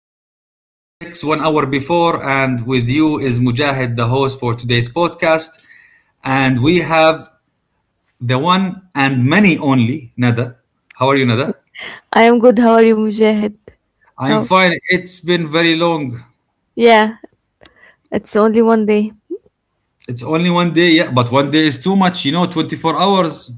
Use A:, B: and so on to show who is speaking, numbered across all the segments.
A: 2026, 1 hour before. And with you is Mujahid, the host for today's podcast. And we have the one and many only, Nada. How are you, Nada?
B: I am good. How are you, Mujahid?
A: I'm
B: How?
A: fine. It's been very long.
B: Yeah, it's only one day.
A: It's only 1 day, yeah, but 1 day is too much, you know, 24 hours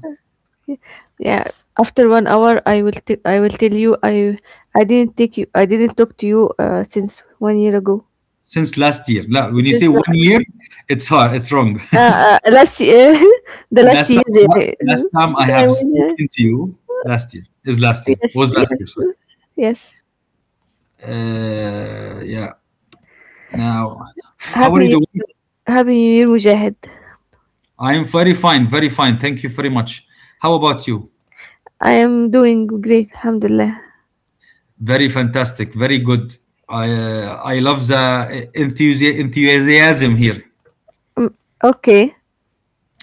B: Yeah, after one hour, I will I will tell you. I didn't take you. I didn't talk to you since one year ago.
A: since last year. Now, when you say
B: Since
A: 1 year, it's hard, it's wrong.
B: uh, uh, last year, the last
A: last time,
B: year
A: last time I
B: that I
A: have
B: was here.
A: spoken to you, last year, is last year,
B: Yes,
A: was last year,
B: yes,
A: sorry.
B: yes.
A: Yeah. Now, how
B: Happy
A: are
B: New
A: you doing?
B: Year. Happy New Year, Mujahid.
A: I'm very fine, very fine. Thank you very much. How about you?
B: I am doing great. Alhamdulillah.
A: Very fantastic, very good. I love the enthusiasm here.
B: Um, okay.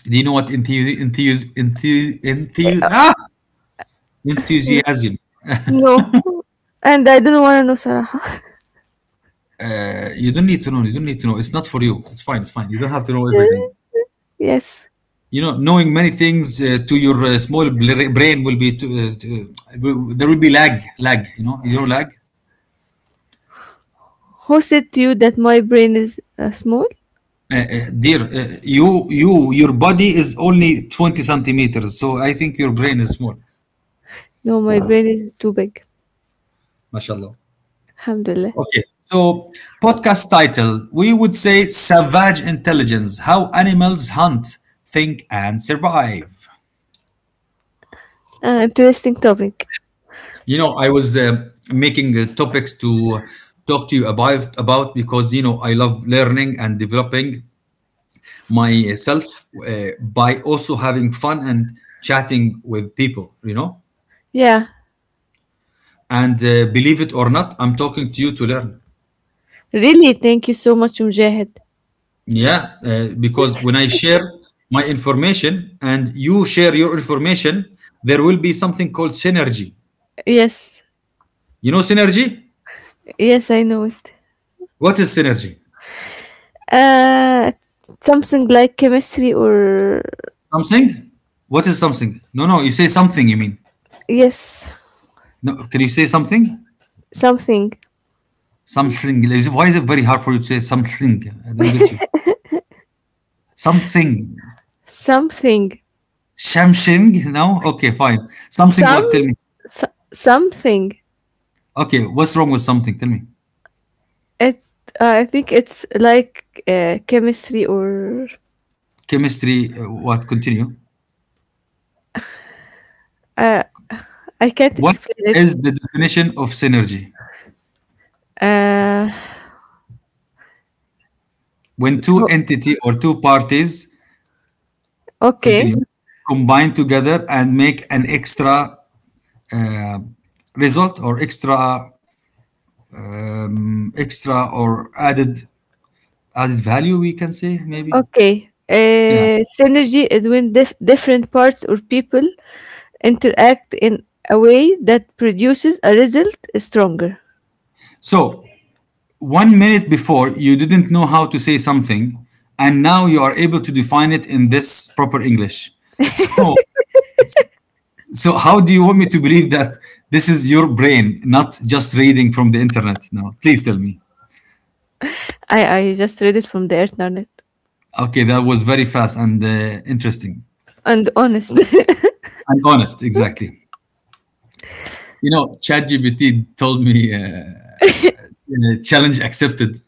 A: Do you know what
B: Uh,
A: enthusiasm?
B: No, and I don't want to know, Sarah.
A: You don't need to know. You don't need to know. It's not for you. It's fine. It's fine. You don't have to know everything.
B: Yes.
A: You know, knowing many things to your small brain will be to, there will be lag, lag. You know lag.
B: Who said to you that my brain is small?
A: Dear, you your body is only 20 centimeters, so I think your brain is small.
B: No, my brain is too big.
A: Mashallah.
B: Alhamdulillah.
A: Okay, so podcast title we would say Savage Intelligence: How Animals Hunt, Think, and Survive.
B: Interesting topic.
A: You know, I was making topics to talk to you about because you know I love learning and developing myself by also having fun and chatting with people. You know,
B: Yeah.
A: and believe it or not, I'm talking to you to learn.
B: Really, thank you so much, Mujahid.
A: Yeah, because when I share my information and you share your information, there will be something called synergy.
B: Yes.
A: You know synergy?
B: Yes, I know it.
A: What is synergy?
B: Uh, Something like chemistry or.
A: Something? What is something? No, no, you say something, you mean.
B: Yes.
A: No, can you say something?
B: Something.
A: Something. Why is it very hard for you to say something? I don't get you. Something.
B: Something.
A: Something? No? Okay, fine. Something
B: Some...
A: what? Tell me.
B: Something.
A: Okay, what's wrong with something? Tell me.
B: It's... I think it's like chemistry or.
A: Chemistry, what? Continue.
B: Uh, I can't
A: What
B: explain it.
A: is the definition of synergy?
B: Uh,
A: When two
B: o-
A: entity or two parties
B: okay.
A: continue combine together and make an extra uh, result or extra extra or added value, we can say maybe.
B: Okay.
A: Yeah.
B: Synergy is when different parts or people interact in a way that produces a result stronger.
A: So 1 minute before you didn't know how to say something, and now you are able to define it in this proper English. So so how do you want me to believe that this is your brain, not just reading from the internet? Now, please tell me.
B: I just read it from the internet.
A: Okay, that was very fast and interesting
B: And honest.
A: and honest. Exactly. You know, ChatGPT told me challenge accepted.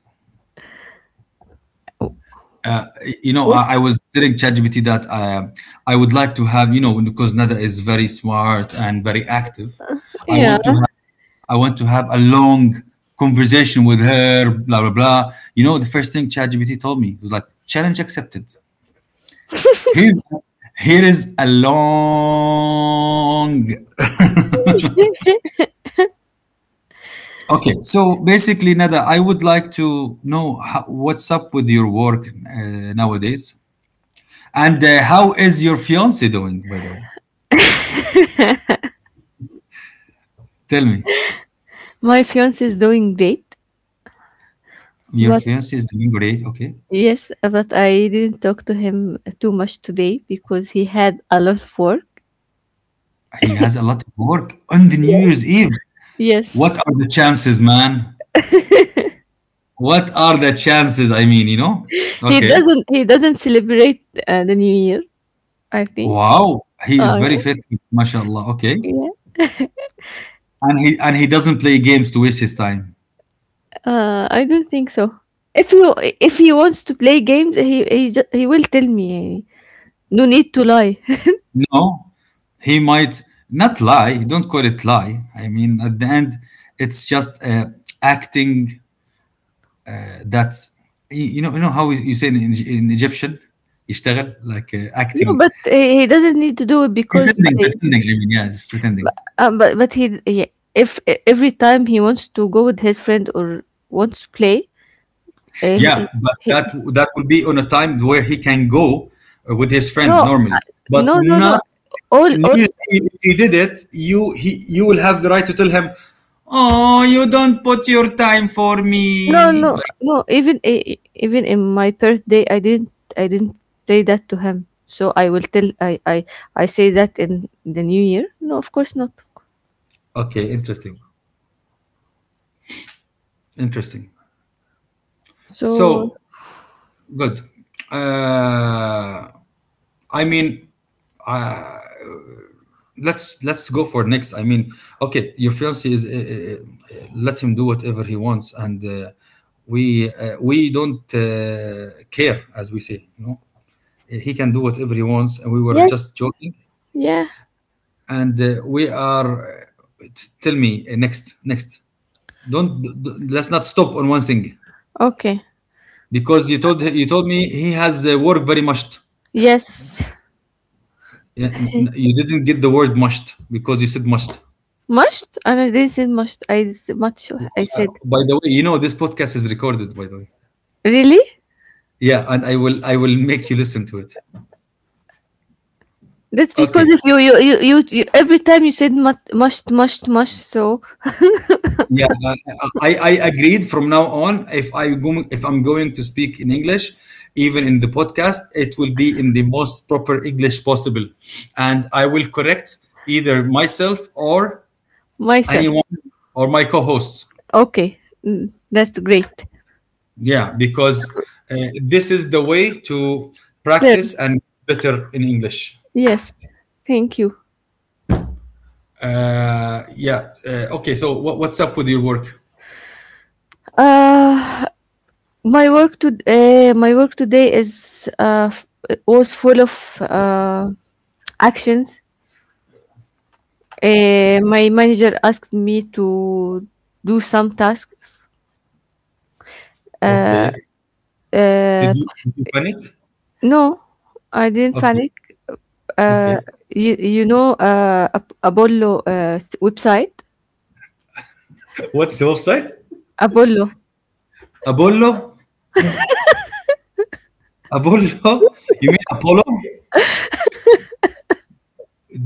A: You know, I,
B: Which,
A: I was telling ChatGPT that I would like to have, you know, because Nada is very smart and very active. I
B: yeah.
A: want to have, I want to have a long conversation with her. Blah blah blah. You know, the first thing ChatGPT told me was like challenge accepted. Here's here is a long. Okay, so basically, Nada, I would like to know how, what's up with your work nowadays, and how is your fiance doing? By the way, tell me,
B: My fiance is doing great,
A: your
B: but,
A: fiance is doing great. Okay,
B: yes, but I didn't talk to him too much today because he had a lot of work.
A: he has a lot of work on the New
B: Yeah.
A: Year's Eve.
B: Yes.
A: What are the chances, man? What are the chances? I mean, you know.
B: He
A: Okay.
B: doesn't he doesn't celebrate the new year, I think.
A: Wow, he
B: Oh
A: is very
B: yeah,
A: faithful, mashallah. Okay,
B: yeah.
A: and he doesn't play games to waste his time.
B: I don't think so. If he if he wants to play games, he will tell me. يعني. No need to lie.
A: No, he might not lie. Don't call it lie. I mean, at the end, it's just acting. That's you know how you say in Egyptian, يشتغل like
B: No,
A: acting,
B: but he doesn't need to do it because I.
A: pretending. I mean, yeah, it's pretending.
B: Um, but but he yeah, if every time he wants to go with his friend or wants to play, uh,
A: Yeah,
B: he,
A: but
B: he,
A: that will be on a time where he can go with his
B: no,
A: friend normally, but
B: no, no, no,
A: not.
B: all
A: And you,
B: all
A: if he did it, you will have the right to tell him, "Oh, you don't put your time for
B: no,
A: me."
B: no, no, even in my birthday I didn't say that to him. So I will tell I say that in the new year. No, of course not.
A: Okay, interesting, interesting.
B: So
A: So good. Uh, I mean, uh, let's go for next. I mean, okay, your fiance is let him do whatever he wants, and we don't care, as we say. You know, he can do whatever he wants, and we were
B: yes,
A: just joking.
B: yeah,
A: And we are. Tell me next, next. Don't d- d- Let's not stop on one thing.
B: okay,
A: Because you told me he has worked very much.
B: yes.
A: You didn't get the word mushed because you said mushed.
B: Must, and I didn't say must. Much. I said
A: By the way, you know this podcast is recorded. By the way,
B: really.
A: yeah, and I will make you listen to it.
B: That's because
A: Okay,
B: if you every time you said must. So
A: yeah, I agreed from now on. If I'm going to speak in English, even in the podcast, it will be in the most proper English possible, and I will correct either myself or
B: myself.
A: anyone or my co-hosts.
B: Okay, that's great.
A: Yeah, because uh, this is the way to
B: Then
A: practice and better in English.
B: yes, thank you.
A: Yeah. Okay. So what, what's up with your work?
B: Uh, my work today was full of actions. My manager asked me to do some tasks. Uh,
A: Okay.
B: uh,
A: Did you panic?
B: no, I didn't
A: Okay.
B: panic. Uh,
A: Okay.
B: you know Apollo website?
A: What's the website?
B: Apollo.
A: Apollo. Apollo. You mean Apollo?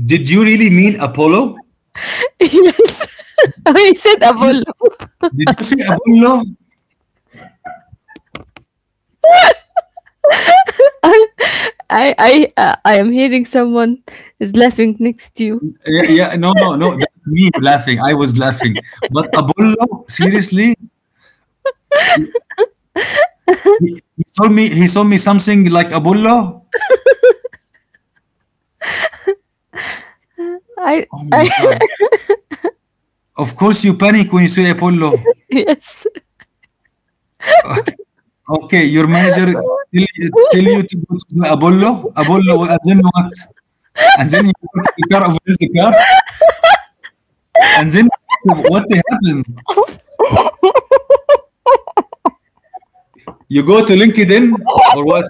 A: Did you really mean Apollo?
B: Yes. I said
A: You-
B: Apollo.
A: Did you say Apollo?
B: I, I am hearing someone is laughing next to you.
A: Yeah, yeah. No, no, no. That's me laughing. I was laughing. But Apollo, seriously, he, he told me something like Apollo.
B: I,
A: Oh my
B: I,
A: God. Of course you panic when you see Apollo.
B: yes.
A: Okay, okay. Your manager tell you to go to the Apollo, Apollo, and then what? And then you go to the car, over the car, and then what happened? You go to LinkedIn or what?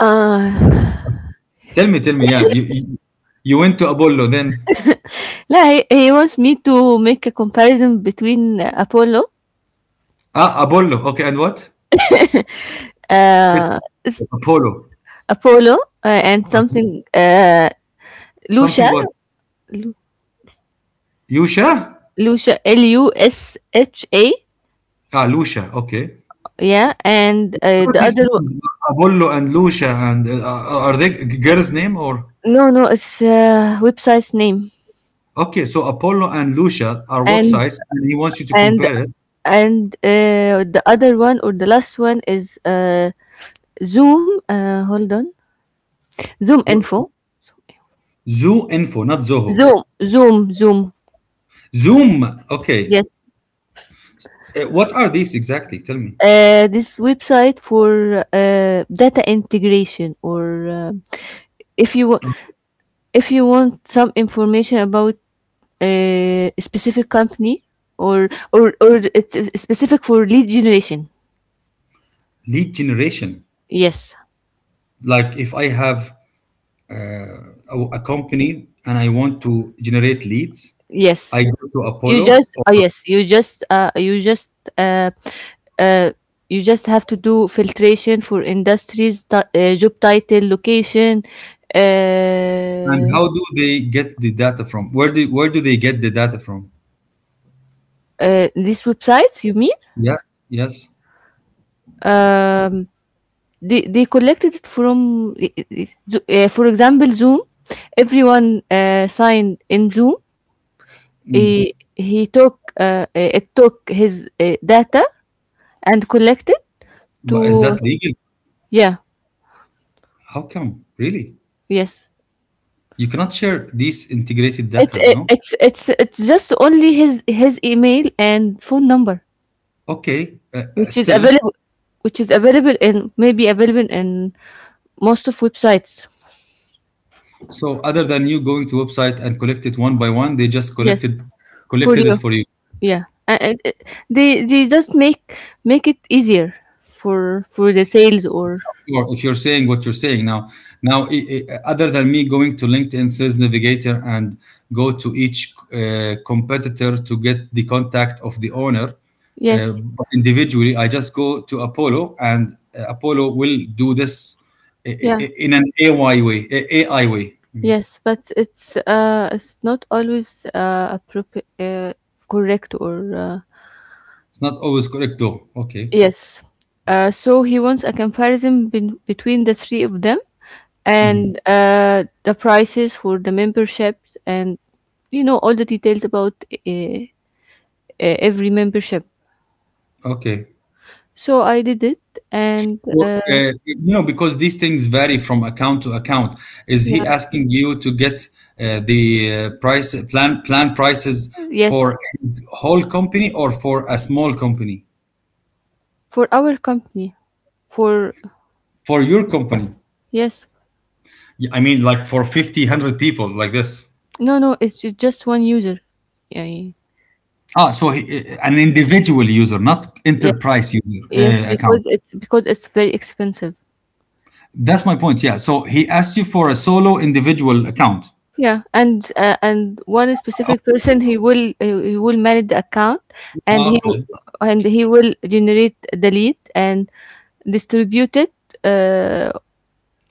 B: Uh,
A: Tell me, yeah. You went to Apollo then.
B: لا he wants me to make a comparison between Apollo
A: Ah, Apollo, okay, and what? It's
B: is
A: Apollo.
B: Apollo and
A: Okay.
B: something
A: Something
B: Lucia,
A: what?
B: Lu-
A: Yusha?
B: Lucia, Lusha.
A: Ah, Lucia, okay.
B: Yeah, and
A: Are these names, Apollo and Lucia, and are they girls' name or?
B: no, no, it's website's name.
A: Okay, so Apollo and Lucia are
B: and
A: websites, and he wants you to
B: and
A: compare it.
B: and uh, the other one, or the last one, is Zoom, hold on, Zoom
A: So,
B: info.
A: Zoo Info, not Zoho.
B: Zoom.
A: Zoom. Okay,
B: Yes.
A: What are these exactly? Tell me.
B: This website for data integration, or if you wa- if you want some information about a specific company, or it's specific for lead generation.
A: Lead generation.
B: Yes.
A: Like if I have uh, a company and I want to generate leads,
B: Yes,
A: I go to
B: you
A: Apollo,
B: just,
A: or
B: oh yes, you just, uh, uh, you just have to do filtration for industries, job title, location,
A: and
B: uh,
A: how do they get the data from? Where do they get the data from?
B: these websites you mean?
A: Yes, yes.
B: um they collected it from for example, Zoom. Everyone signed in Zoom.
A: Hmm.
B: He, he took uh, it took his data, and collected
A: But is that
B: to.
A: legal?
B: Yeah.
A: How come? Really?
B: Yes.
A: You cannot share these integrated
B: it's
A: datas,
B: it,
A: no?
B: it's it's it's just only his email and phone number,
A: Okay,
B: which is
A: still.
B: available which is available in most of websites.
A: So other than you going to website and collect it one by one, they just
B: Yes.
A: collected
B: For
A: collected it
B: you.
A: for you.
B: Yeah, they just make it easier for the sales, or.
A: Sure, if you're saying what you're saying now, now other than me going to LinkedIn Sales Navigator and go to each competitor to get the contact of the owner uh,
B: Yes.
A: individually, I just go to Apollo and Apollo will do this
B: Yeah.
A: in an AI way. AI way. I mean,
B: Yes, but it's not always appropriate, correct, or
A: it's not always correct though. Okay.
B: yes. So he wants a comparison between the three of them,
A: Mhm.
B: and the prices for the memberships, and you know all the details about uh, every membership.
A: Okay.
B: So I did it, and
A: Well, no, because these things vary from account to account. Is he
B: yeah.
A: asking you to get the price plan prices
B: Yes,
A: for his whole company or for a small company?
B: for our company, for.
A: For your company?
B: Yes.
A: Yeah, I mean, like for 50, 100 people, like this.
B: No, no, it's just one user. Yeah,
A: Ah, so an individual user, not
B: yes,
A: enterprise user
B: yes,
A: account.
B: because it's very expensive.
A: That's my point. Yeah. So he asked you for a solo individual account.
B: Yeah, and one specific person, he will manage the account, and
A: Ah,
B: he,
A: okay.
B: and he will generate the lead, and distribute it uh,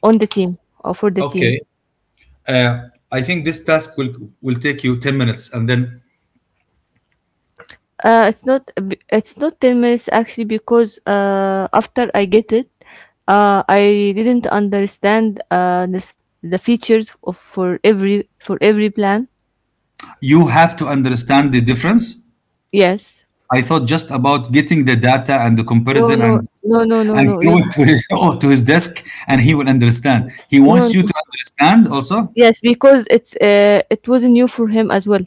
B: on the team, or for the team.
A: Okay. Uh, I think this task will take you 10 minutes, and then
B: It's not 10 minutes actually, because after I get it, I didn't understand the features of for every plan.
A: you have to understand the difference.
B: Yes.
A: I thought just about getting the data and the
B: No,
A: comparison
B: no, no, no, no,
A: and
B: no. You
A: throw it to his, or to his desk and he will understand. He
B: no, no.
A: wants you to understand also.
B: Yes, because it was new for him as well.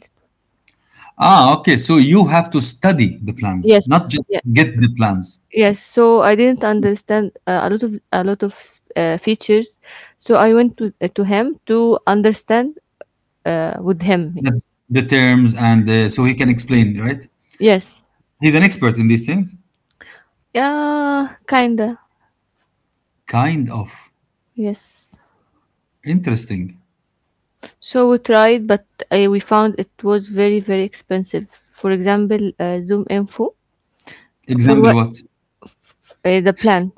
A: Ah, okay. So you have to study the plans,
B: Yes.
A: not just
B: Yeah.
A: get the plans,
B: Yes. So I didn't understand a lot of s- features. So I went to him to understand with him.
A: the terms, and so he can explain, right?
B: Yes.
A: He's an expert in these things.
B: Yeah, kinda.
A: Kind of
B: Yes.
A: interesting.
B: So we tried, but we found it was very, very expensive. For example, Zoom Info, for
A: Example
B: what?
A: what?
B: The plan.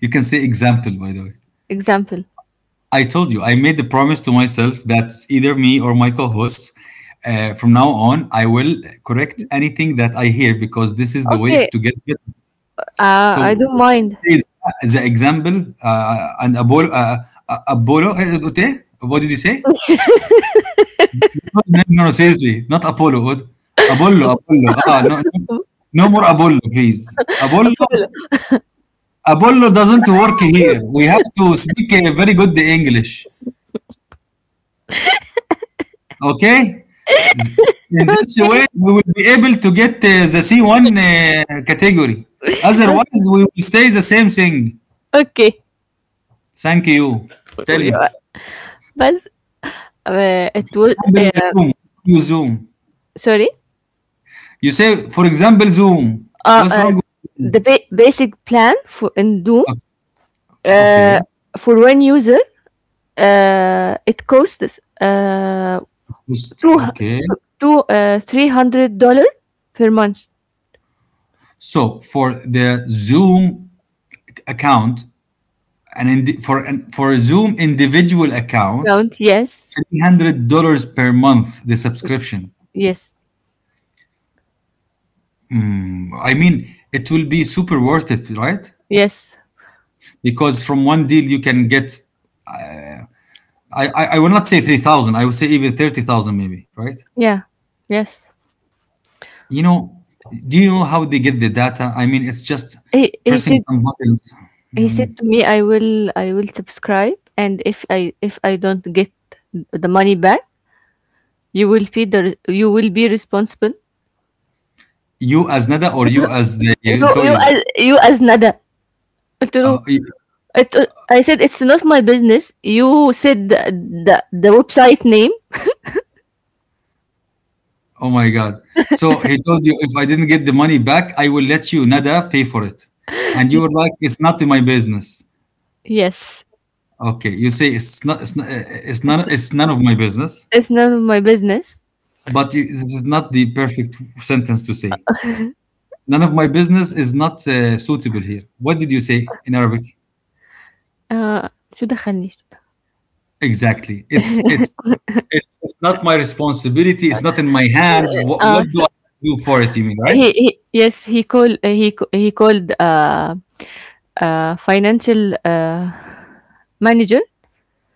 A: You can say example, by the way.
B: Example.
A: I told you, I made the promise to myself that either me or my co hosts, from now on, I will correct anything that I hear because this is the way
B: Okay.
A: to get better.
B: I
A: So,
B: don't mind.
A: is- the example, Apollo, eh, قلت what did you say? The name? No, no, seriously, not Apollo. Apollo, Apollo. Ah, no, no, no more Apollo, please.
B: A problem.
A: Apollo doesn't work here. We have to speak a very good English. Okay? Th- In this way,
B: Okay.
A: we will be able to get the C1 category.
B: Look,
A: Otherwise, we will stay the same thing.
B: okay.
A: Thank you. Tell
B: We
A: me.
B: are- but it was
A: Example, Zoom. You Zoom.
B: sorry.
A: You say, for example, Zoom.
B: Uh,
A: What's
B: uh,
A: wrong?
B: basic plan for in Zoom, uh,
A: Okay.
B: for one user, it costs two
A: Okay.
B: hu- two $300 per month.
A: So for the Zoom account, and for a Zoom individual account,
B: Count, yes.
A: $300 per month the subscription.
B: Yes.
A: I mean, it will be super worth it, right?
B: Yes.
A: Because from one deal you can get, I will not say 3,000, I will say even 30,000 maybe, right?
B: Yeah. Yes.
A: You know, do you know how they get the data? I mean, it's just
B: he, he
A: pressing
B: said
A: some buttons. I
B: he said
A: mean,
B: to me, I will subscribe, and if I don't get the money back, you will be you will be responsible.
A: you as NADA or you as the
B: you you
A: employees.
B: as you as Nada. True.
A: Uh, y-
B: It, i said it's not my business. You said the website name.
A: oh my God. So he told you, if I didn't get the money back, I will let you, NADA, pay for it. And you were like, it's not my business.
B: Yes.
A: Okay. You say, it's not, it's not,
B: it's,
A: it's none of my business.
B: it's none of my business.
A: But you, this is not the perfect sentence to say. None of my business is not suitable here. What did you say in Arabic?
B: uh, شو دخلني.
A: Exactly. It's not my responsibility. It's not in my hand. What, what do
B: So
A: I do for it? You mean, right?
B: he yes, he called he c- he called financial manager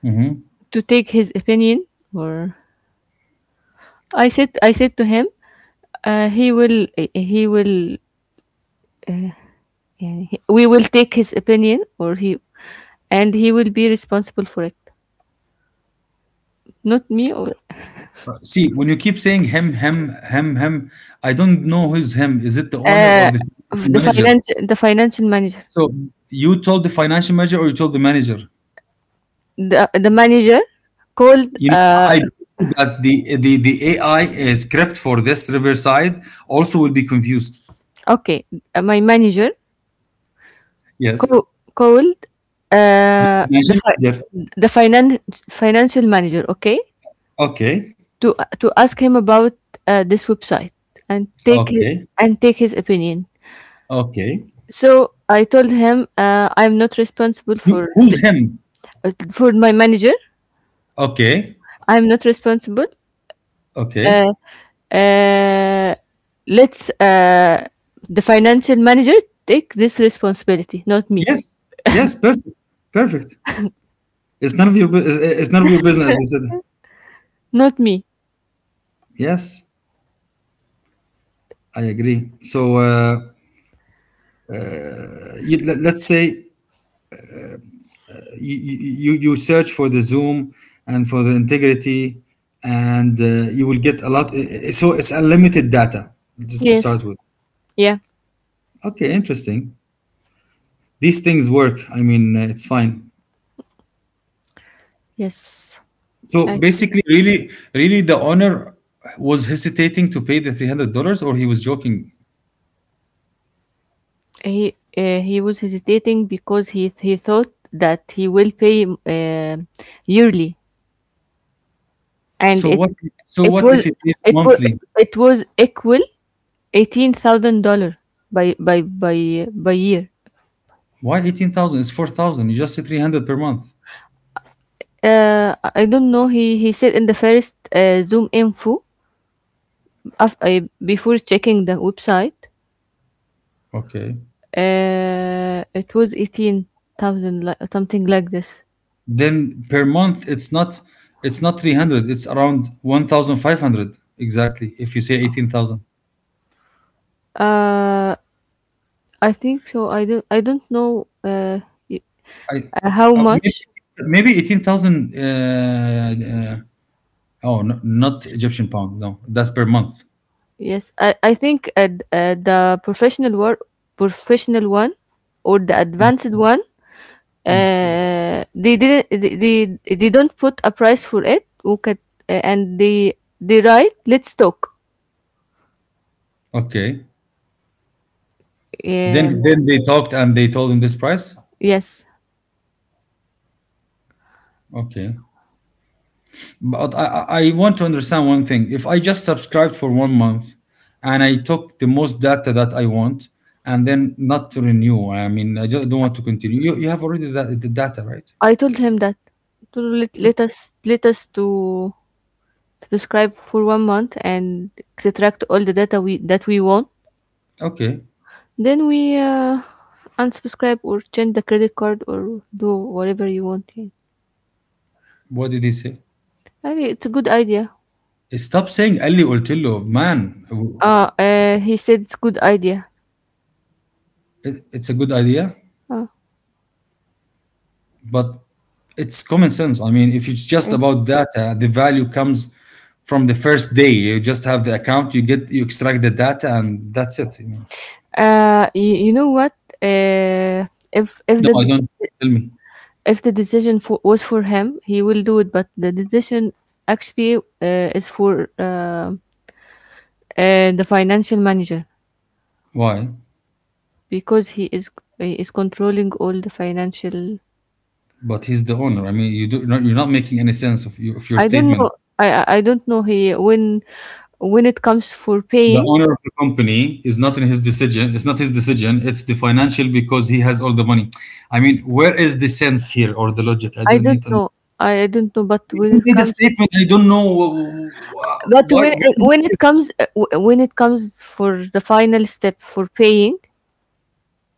A: Hmm.
B: to take his opinion. Or, I said to him, uh, he will he will we will take his opinion, or he and he will be responsible for it, not me, or
A: See, when you keep saying him, I don't know who's him. Is it the owner or
B: uh,
A: the
B: the
A: manager?
B: financial the financial manager.
A: So you told the financial manager or you told the manager?
B: The manager called
A: You know, I believe that the AI script for this Riverside also will be confused.
B: okay, my manager Co
A: Yes.
B: cold,
A: The
B: uh, the
A: financial
B: fi
A: manager.
B: the financial manager, okay,
A: Okay.
B: to ask him about this website, and take hi-
A: Okay.
B: and take his opinion.
A: Okay.
B: So I told him I'm not responsible
A: You,
B: for
A: who's
B: the,
A: him?
B: for my manager.
A: Okay.
B: I'm not responsible.
A: Okay.
B: Uh, uh, let's, the financial manager take this responsibility, not me,
A: Yes. Yes. Perfect. Perfect. It's none of your business, as you said.
B: not me.
A: Yes. I agree. So you, let's say you, you search for the zoom and for the integrity and you will get a lot, so it's unlimited data to
B: Yes.
A: start with.
B: Yeah.
A: Okay, interesting. These things work. I mean, it's fine.
B: Yes.
A: So
B: I
A: basically, really, the owner was hesitating to pay the $300, or he was joking.
B: He was hesitating because he thought that he will pay yearly, and
A: So what? So
B: it
A: what
B: was
A: if it is
B: it was
A: monthly?
B: it was equal 18,000 dollar by year.
A: Why 18,000? It's 4,000. You just say 300 per month.
B: I don't know. He said in the first Zoom info, before checking the website,
A: Okay.
B: it was 18,000, like something like this.
A: Then per month, it's not 300, it's around 1,500 exactly, if you say 18,000.
B: Uh, I think so. I don't know.
A: I
B: How
A: Maybe
B: much?
A: 18,000 oh, no, not Egyptian pound. No, that's per month.
B: Yes, I think the professional work, professional one, or the advanced one,
A: Mm.
B: they didn't, they don't put a price for it. Okay, and they write, let's talk.
A: Okay.
B: Um,
A: Then they talked and they told him this price?
B: yes,
A: Okay. But I want to understand one thing. If I just subscribed for 1 month and I took the most data that I want and then not to renew, I mean, I just don't want to continue. You have already that the data, right?
B: I told him that, to let,
A: So-
B: let us let us to subscribe for one month and extract all the data we that we want.
A: okay.
B: Then we, unsubscribe, or change the credit card, or do whatever you want. Yeah.
A: What did he say?
B: I think it's a good idea.
A: Stop saying قال لي قلت له, man.
B: He said it's good idea.
A: It's a good idea,
B: Uh,
A: but it's common sense. I mean, if it's just
B: Mm.
A: about data, the value comes from the first day. You just have the account, you get, you extract the data, and that's it. I mean,
B: You know what? Uh, if if
A: no, I
B: the
A: don't. Tell me.
B: if the decision was for him, he will do it. But the decision actually is for the financial manager,
A: Why?
B: because he is controlling all the financial.
A: But he's the owner. I mean, you do not, you're not making any sense of, you, of your
B: I don't know.
A: statement.
B: I don't know, he, when it comes for
A: The
B: paying.
A: owner of the company is not in his decision. It's not his decision. It's the financial, because he has all the money. I mean, where is the sense here or the logic? I
B: I
A: don't
B: don't
A: need to.
B: know. I don't know. But when
A: You
B: it
A: made a
B: comes,
A: statement. I don't know
B: but
A: why.
B: when
A: Why?
B: when it comes when it comes for the final step for paying,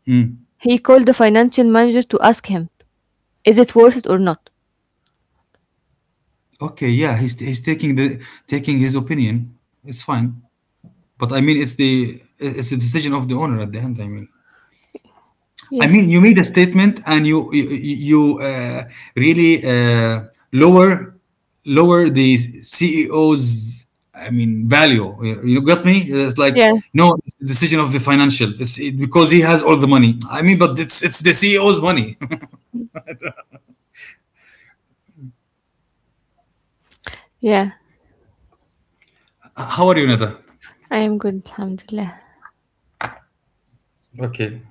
A: Mm.
B: he called the financial manager to ask him, is it worth it or not?
A: Okay, yeah, he's taking the taking his opinion. It's fine, but I mean, it's the decision of the owner at the end, I mean. I
B: Yes.
A: mean, you made a statement and you you really lower lower the CEO's, I mean, value. You got me? It's like
B: Yeah.
A: no, it's the decision of the financial. Because he has all the money, I mean, but it's the CEO's money.
B: Yeah.
A: How are you, Nada?
B: I am good. Alhamdulillah.
A: Okay,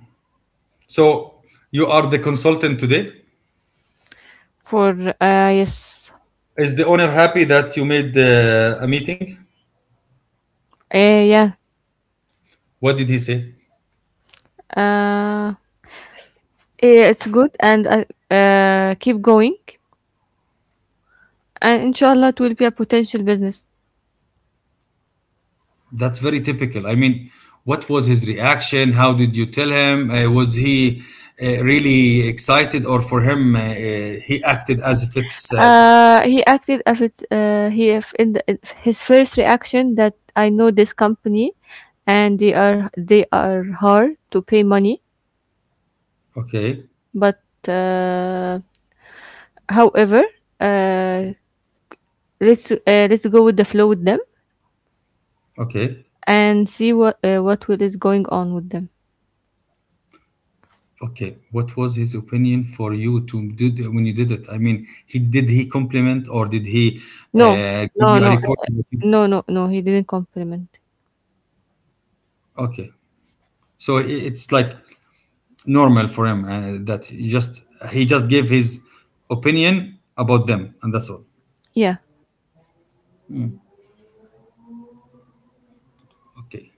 A: so you are the consultant today.
B: For Yes.
A: Is the owner happy that you made a meeting?
B: Uh, yeah.
A: What did he say?
B: Uh. Yeah, it's good, and I keep going, and inshallah it will be a potential business.
A: That's very typical. I mean, what was his reaction? How did you tell him? Was he really excited, or for him, he acted as if it's
B: He acted as it, he if in the, if his first reaction that I know this company, and they are hard to pay money.
A: okay,
B: But however, uh, let's, let's go with the flow with them,
A: okay,
B: and see what will is going on with them.
A: okay? What was his opinion for you to did when you did it? I mean, he compliment or did he
B: No,
A: give
B: no,
A: you a
B: no,
A: report?
B: uh, no, no, no. He didn't compliment.
A: Okay, so it's like normal for him that he just gave his opinion about them, and that's all.
B: Yeah,
A: Okay.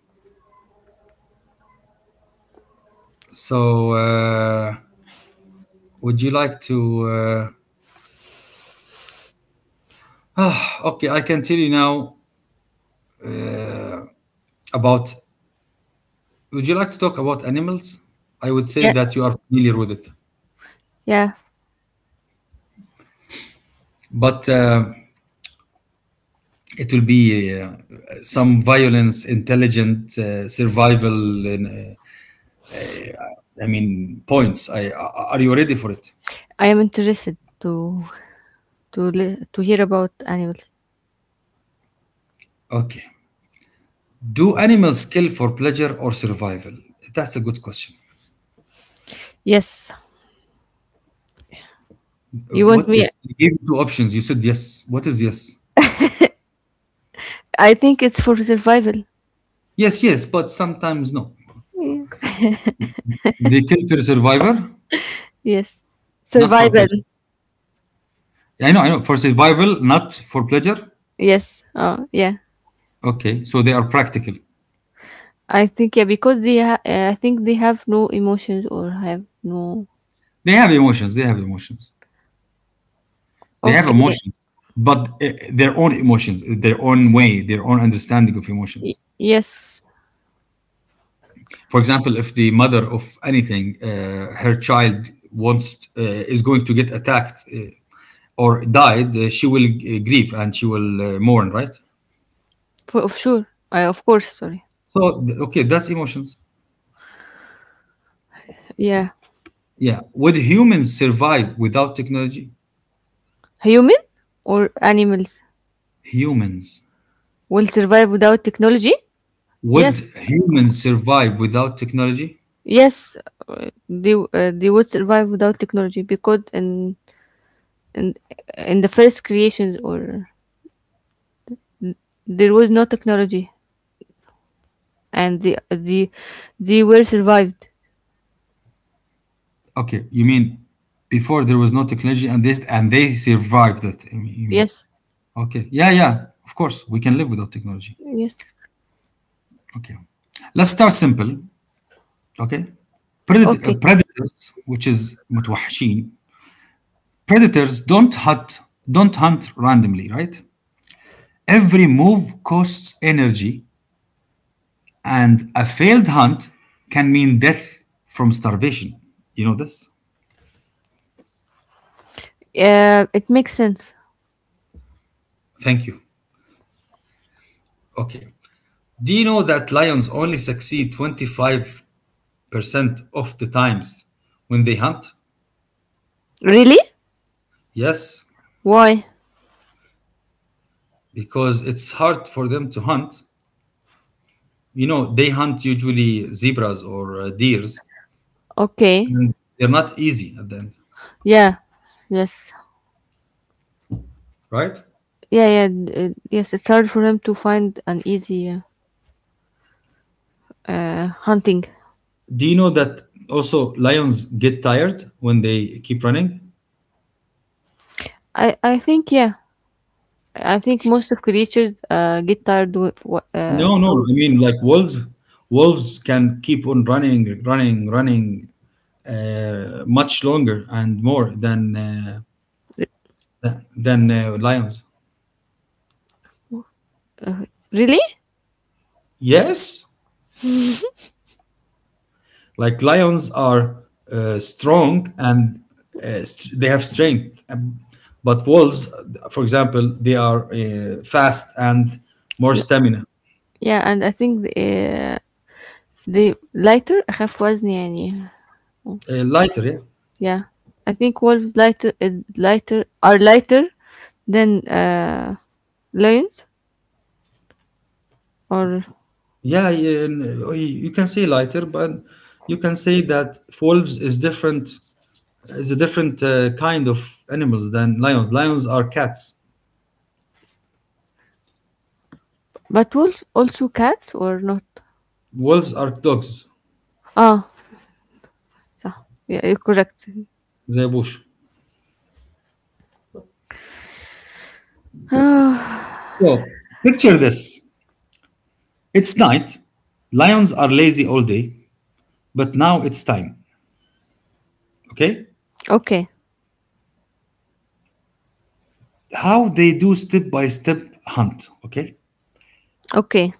A: So, would you like to? Uh, okay, I can tell you now about. Would you like to talk about animals? I would say
B: yeah,
A: that you are familiar with it,
B: yeah.
A: but it will be uh, some violence, intelligent survival. I mean, points. Are you ready for it?
B: I am interested to hear about animals.
A: Okay. Do animals kill for pleasure or survival? That's a good question.
B: Yes, you want
A: What
B: me?
A: yes? You gave two options. You said yes. What is yes?
B: I think it's for survival.
A: Yes, yes, but sometimes no.
B: Yeah.
A: They kill for survival,
B: Yes,
A: not for
B: survival.
A: pleasure. Yeah, I know, I know. For survival, not for pleasure.
B: Yes. Yeah.
A: Okay, so they are practical.
B: I think, yeah, because I think they have no emotions, or have no.
A: They have emotions. They have emotions. They have
B: Okay.
A: emotions, but their own emotions, their own way, their own understanding of emotions.
B: Yes.
A: For example, if the mother of anything, her child wants is going to get attacked or died, she will grieve and she will mourn, right?
B: For of sure. Of course. Sorry.
A: Okay, that's emotions.
B: Yeah.
A: Yeah. Would humans survive without technology?
B: Human or animals
A: Humans.
B: will survive without technology?
A: Would
B: Yes.
A: humans survive without technology?
B: Yes. They would survive without technology because in in the first creations, or there was no technology and they were survived.
A: Okay, you mean before there was no technology and this and they survived it. I mean, you mean
B: Yes,
A: okay. Yeah, yeah. Of course, we can live without technology.
B: yes.
A: Okay. Let's start simple. Okay.
B: Okay.
A: Predators, which is متوحشين. Predators don't hunt randomly, right? Every move costs energy and a failed hunt can mean death from starvation. You know this?
B: It makes sense.
A: Thank you. Okay. Do you know that lions only succeed 25% of the times when they hunt?
B: Really?
A: Yes,
B: Why?
A: because it's hard for them to hunt. You know, they hunt usually zebras or deers,
B: Okay.
A: and they're not easy at the end,
B: Yeah. Yes.
A: right?
B: Yeah. Yes. It's hard for him to find an easy hunting.
A: Do you know that also lions get tired when they keep running?
B: I think, yeah. I think most of creatures get tired with,
A: No, no.
B: from
A: I mean, like wolves can keep on running, much longer and more than lions.
B: really.
A: Yes, like lions are strong and they have strength. But wolves, for example, they are fast and more
B: L-
A: stamina,
B: Yeah, and I think the lighter أخف وزن يعني.
A: lighter. Yeah.
B: Yeah, I think wolves lighter is lighter are lighter than lions or
A: Yeah, you can say lighter, but you can say that wolves is different is a different kind of animals than lions. Lions are cats.
B: but wolves also cats or not?
A: Wolves are dogs.
B: Ah, so, yeah, you're correct.
A: زي بوش.
B: Ah,
A: So picture this. It's night. Lions are lazy all day, but now it's time. Okay?
B: okay,
A: How they do step by step hunt, okay?
B: okay,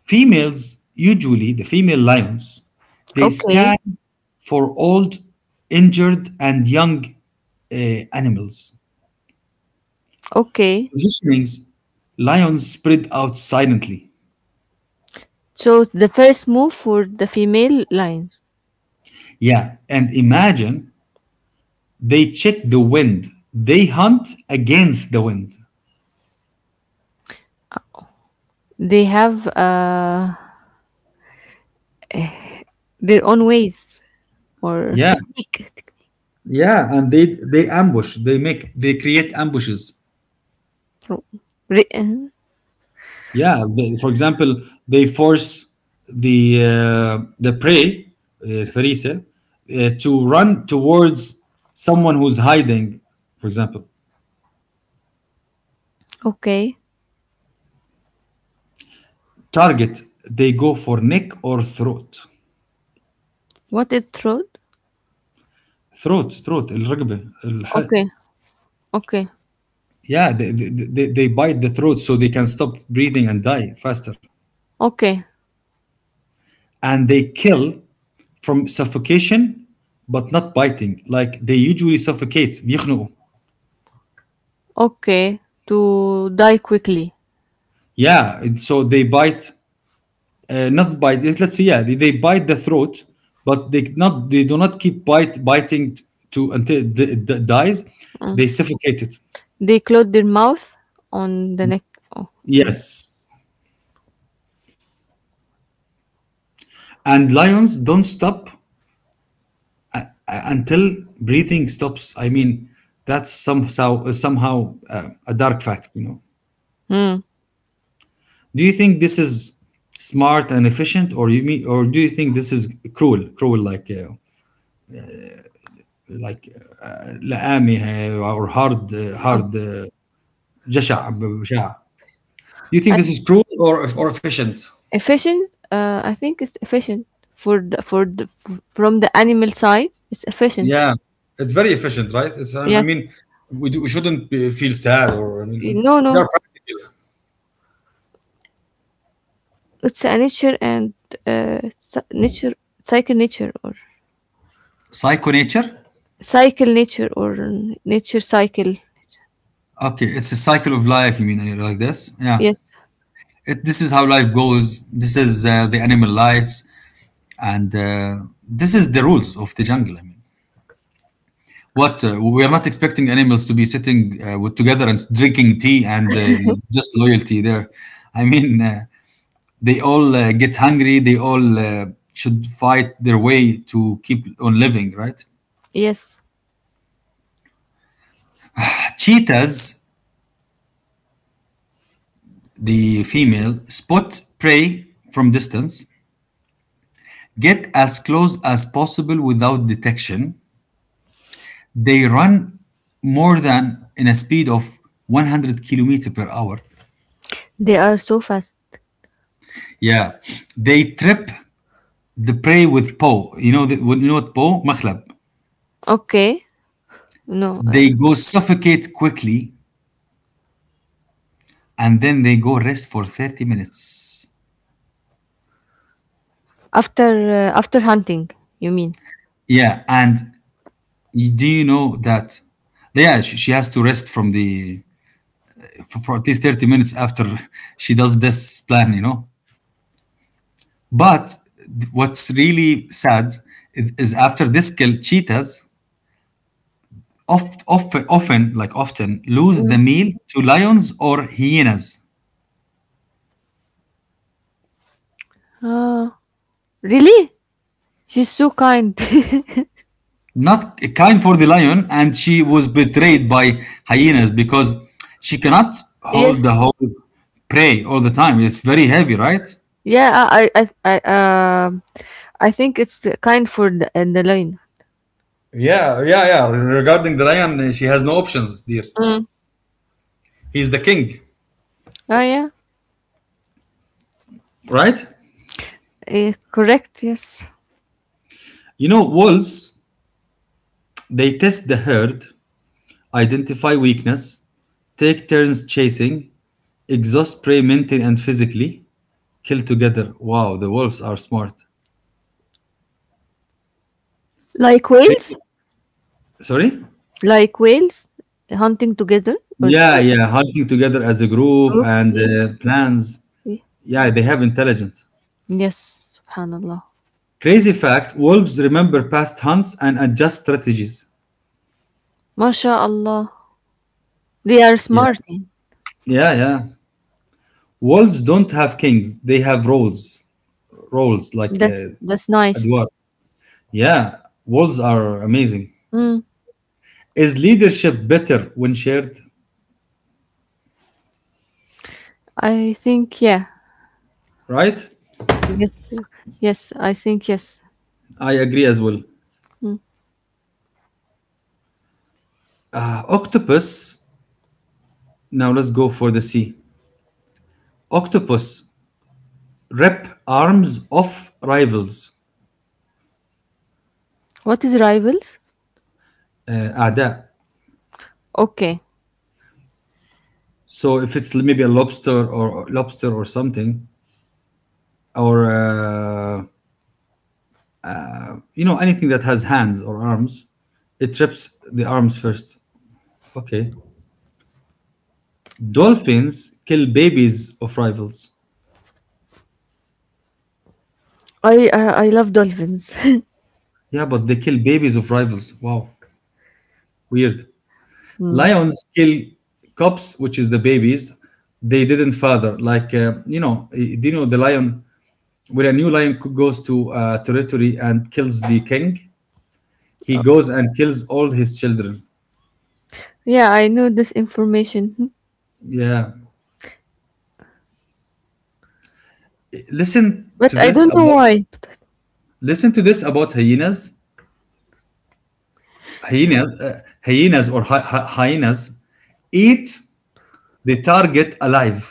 A: Females, usually the female lions, they
B: okay,
A: scan for old, injured, and young animals.
B: okay.
A: Positionings, lions spread out silently.
B: So the first move for the female lions,
A: Yeah, and imagine they check the wind. They hunt against the wind.
B: they have their own ways or
A: Yeah,
B: technique.
A: yeah, and they ambush. They create ambushes.
B: Re- uh,
A: Yeah, they, for example, they force the prey, فريسة, to run towards someone who's hiding. For example,
B: okay,
A: target. They go for neck or throat.
B: what is throat?
A: Throat. الرقبة الحلق.
B: Okay, okay,
A: Yeah, they bite the throat so they can stop breathing and die faster.
B: okay.
A: And they kill from suffocation, but not biting. Like they usually suffocate. يخنقوا.
B: Okay, to die quickly.
A: Yeah, and so they bite, not bite. Let- Let's say yeah, they bite the throat, but they do not keep bite biting to until it dies.
B: Mm.
A: They suffocate it.
B: They close their mouth on the neck. Oh.
A: Yes, and lions don't stop until breathing stops. I mean, that's somehow a dark fact, you know.
B: Mm.
A: Do you think this is smart and efficient, or do you think this is cruel like like لئامي هي- or
B: Oh.
A: hard جشع بشع? Do you think
B: And
A: this is cruel or efficient?
B: efficient. I think it's efficient from the animal side. It's efficient.
A: Yeah, it's very efficient, right? It's I
B: Yes.
A: mean, we shouldn't feel sad, or I mean,
B: No,
A: they're
B: no.
A: practical.
B: It's a nature and nature cycle, nature, or
A: Psycho nature.
B: cycle nature, or nature cycle.
A: Okay, it's a cycle of life. You mean like this? Yeah.
B: Yes.
A: This is how life goes. This is the animal lives, and this is the rules of the jungle. I mean, what we are not expecting animals to be sitting together and drinking tea and just loyalty there. I mean, uh, they all get hungry. They all should fight their way to keep on living, right?
B: Yes.
A: Cheetahs, the female, spot prey from distance, get as close as possible without detection. They run more than in a speed of 100 kilometer per hour.
B: They are so fast.
A: Yeah, they trip the prey with paw. You know, the, you know what paw? Makhlab.
B: Okay. No. Uh,
A: They go suffocate quickly and then they go rest for 30 minutes.
B: after uh, after hunting, you mean?
A: Yeah, and you, do you know that? Yeah, she has to rest from the for at least 30 minutes after she does this plan, you know. But what's really sad is after this kill, cheetahs often lose the meal to lions or hyenas.
B: Oh, really? She's so kind.
A: Not kind for the lion, and she was betrayed by hyenas because she cannot
B: Yes.
A: hold the whole prey all the time. It's very heavy, right?
B: Yeah, I think it's the kind for the, and the line.
A: Yeah. Regarding the lion, she has no options, dear.
B: Mm.
A: He's the king,
B: Oh, yeah.
A: right?
B: Eh, correct. Yes,
A: You know, wolves, they test the herd, identify weakness, take turns chasing, exhaust prey mentally and physically, kill together. Wow, the wolves are smart.
B: like whales.
A: Crazy. Sorry?
B: Like whales hunting together.
A: Yeah,
B: Or
A: yeah, hunting together as a group
B: Oh,
A: and
B: yes.
A: plans.
B: Yeah.
A: Yeah, they have intelligence.
B: Yes, Subhanallah.
A: Crazy fact: wolves remember past hunts and adjust strategies.
B: MashaAllah. They are
A: Yeah,
B: smart, eh?
A: yeah. Wolves don't have kings, they have roles. Roles like
B: That's nice.
A: Adwar. Yeah, wolves are amazing.
B: Mm,
A: Is leadership better when shared?
B: I think, yeah.
A: Right?
B: Yes, yes. I think, yes.
A: I agree as well.
B: Mm.
A: Octopus, now let's go for the sea. Octopus, rip arms off rivals,
B: What is rivals?
A: أعداء.
B: Okay.
A: So if it's maybe a lobster or lobster or something, or you know anything that has hands or arms, it trips the arms first. Okay. Dolphins kill babies of rivals.
B: I love dolphins.
A: Yeah, but they kill babies of rivals. Wow, weird.
B: Hmm.
A: Lions kill cubs, which is the babies. They didn't father. Like you know, do you know the lion? When a new lion goes to territory and kills the king, he
B: Oh,
A: goes and kills all his children.
B: yeah, I know this information.
A: Yeah. Listen to
B: But I
A: this
B: don't know
A: about
B: why.
A: listen to this about hyenas. Hyenas, hyenas or hyenas eat the target alive.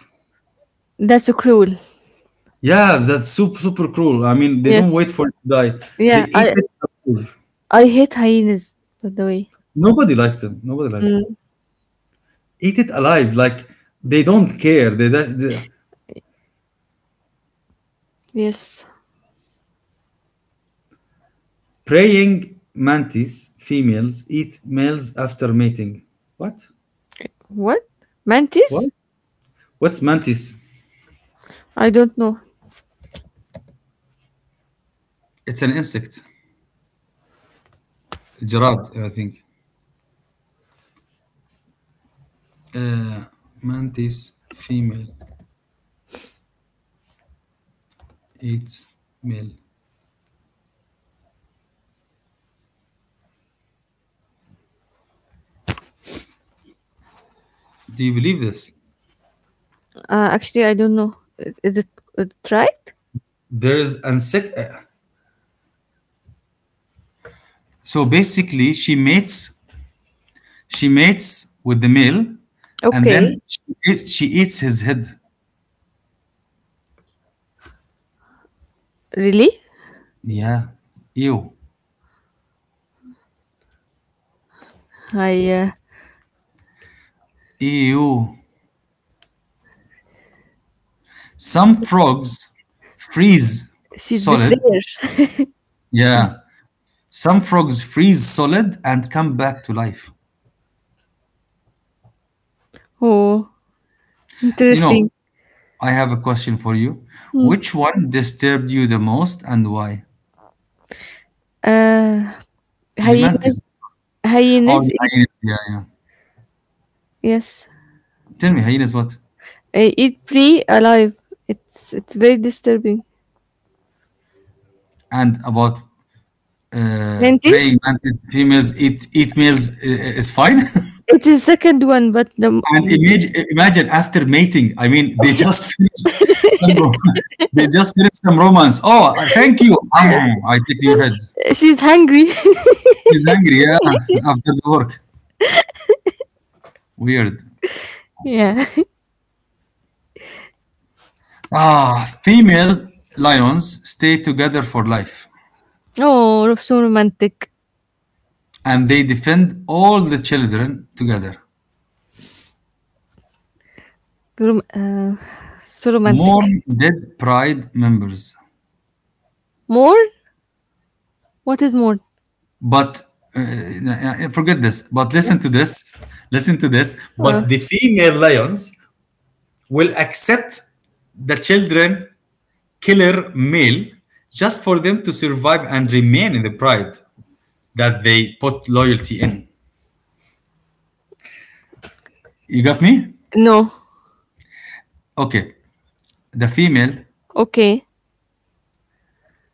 B: That's so cruel.
A: Yeah, that's super super cruel. I mean, they don't wait
B: Yes.
A: for it to die. They
B: Yeah.
A: eat
B: I
A: it alive.
B: I hate hyenas, by the way.
A: Nobody likes them. Nobody likes them.
B: Mm,
A: Eat it alive. Like they don't care. The
B: yes.
A: praying mantis females eat males after mating. What?
B: What?
A: What?
B: Mantis?
A: What's mantis?
B: I don't know.
A: It's an insect. Gerard, I think. Uh, Mantis female eats male. Do you believe this?
B: Actually, I don't know. Is it right?
A: There is insect. So basically, she mates. She mates with the male, and
B: Okay,
A: then she eats his head.
B: really?
A: Yeah. Ew.
B: I
A: Ew. Some frogs freeze
B: She's
A: solid.
B: betrayer. She-
A: Yeah. Some frogs freeze solid and come back to life.
B: Oh,
A: You know,
B: interesting.
A: I have a question for you.
B: Hmm.
A: Which one disturbed you the most and why?
B: Uh,
A: The mantis
B: hyenas
A: or
B: hyenas
A: the
B: eat.
A: hyenas. Yeah, yeah.
B: Yes.
A: Tell me, hyenas what?
B: I eat free alive. It's very disturbing.
A: And about
B: Mentis?
A: praying mantis, females eat males is fine?
B: It is second one, but
A: And imagine, imagine after mating. I mean, they just finished some. They just finished some romance. Oh, thank you. Ah, I take your head.
B: she's hungry.
A: He's angry. Yeah, after the work. Weird.
B: Yeah.
A: Ah, female lions stay together for life,
B: Oh, so romantic.
A: and they defend all the children together.
B: Rom- uh, so romantic.
A: Mourn dead pride members.
B: More? What is more?
A: But uh, forget this. But listen to this. Listen to this.
B: Uh,
A: But the female lions will accept the children killer male just for them to survive and remain in the pride that they put loyalty in. You got me?
B: no.
A: Okay. The female,
B: Okay.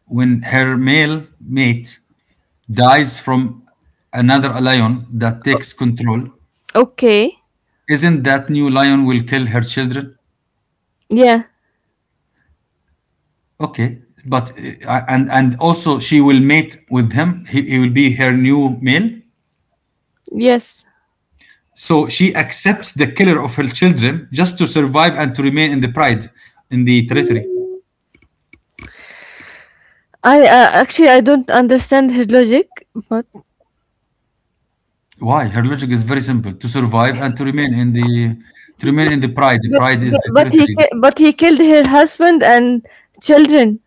A: when her male mate dies from another lion that takes control,
B: Okay.
A: isn't that new lion will kill her children?
B: Yeah.
A: Okay. But and also she will mate with him. He will be her new male.
B: Yes.
A: So she accepts the killer of her children just to survive and to remain in the pride, in the territory.
B: I Actually, I don't understand her logic, but
A: Why? Her logic is very simple: to survive and to remain in the pride. The
B: but
A: pride is
B: but,
A: the
B: but he
A: territory.
B: ki- but he killed her husband and children.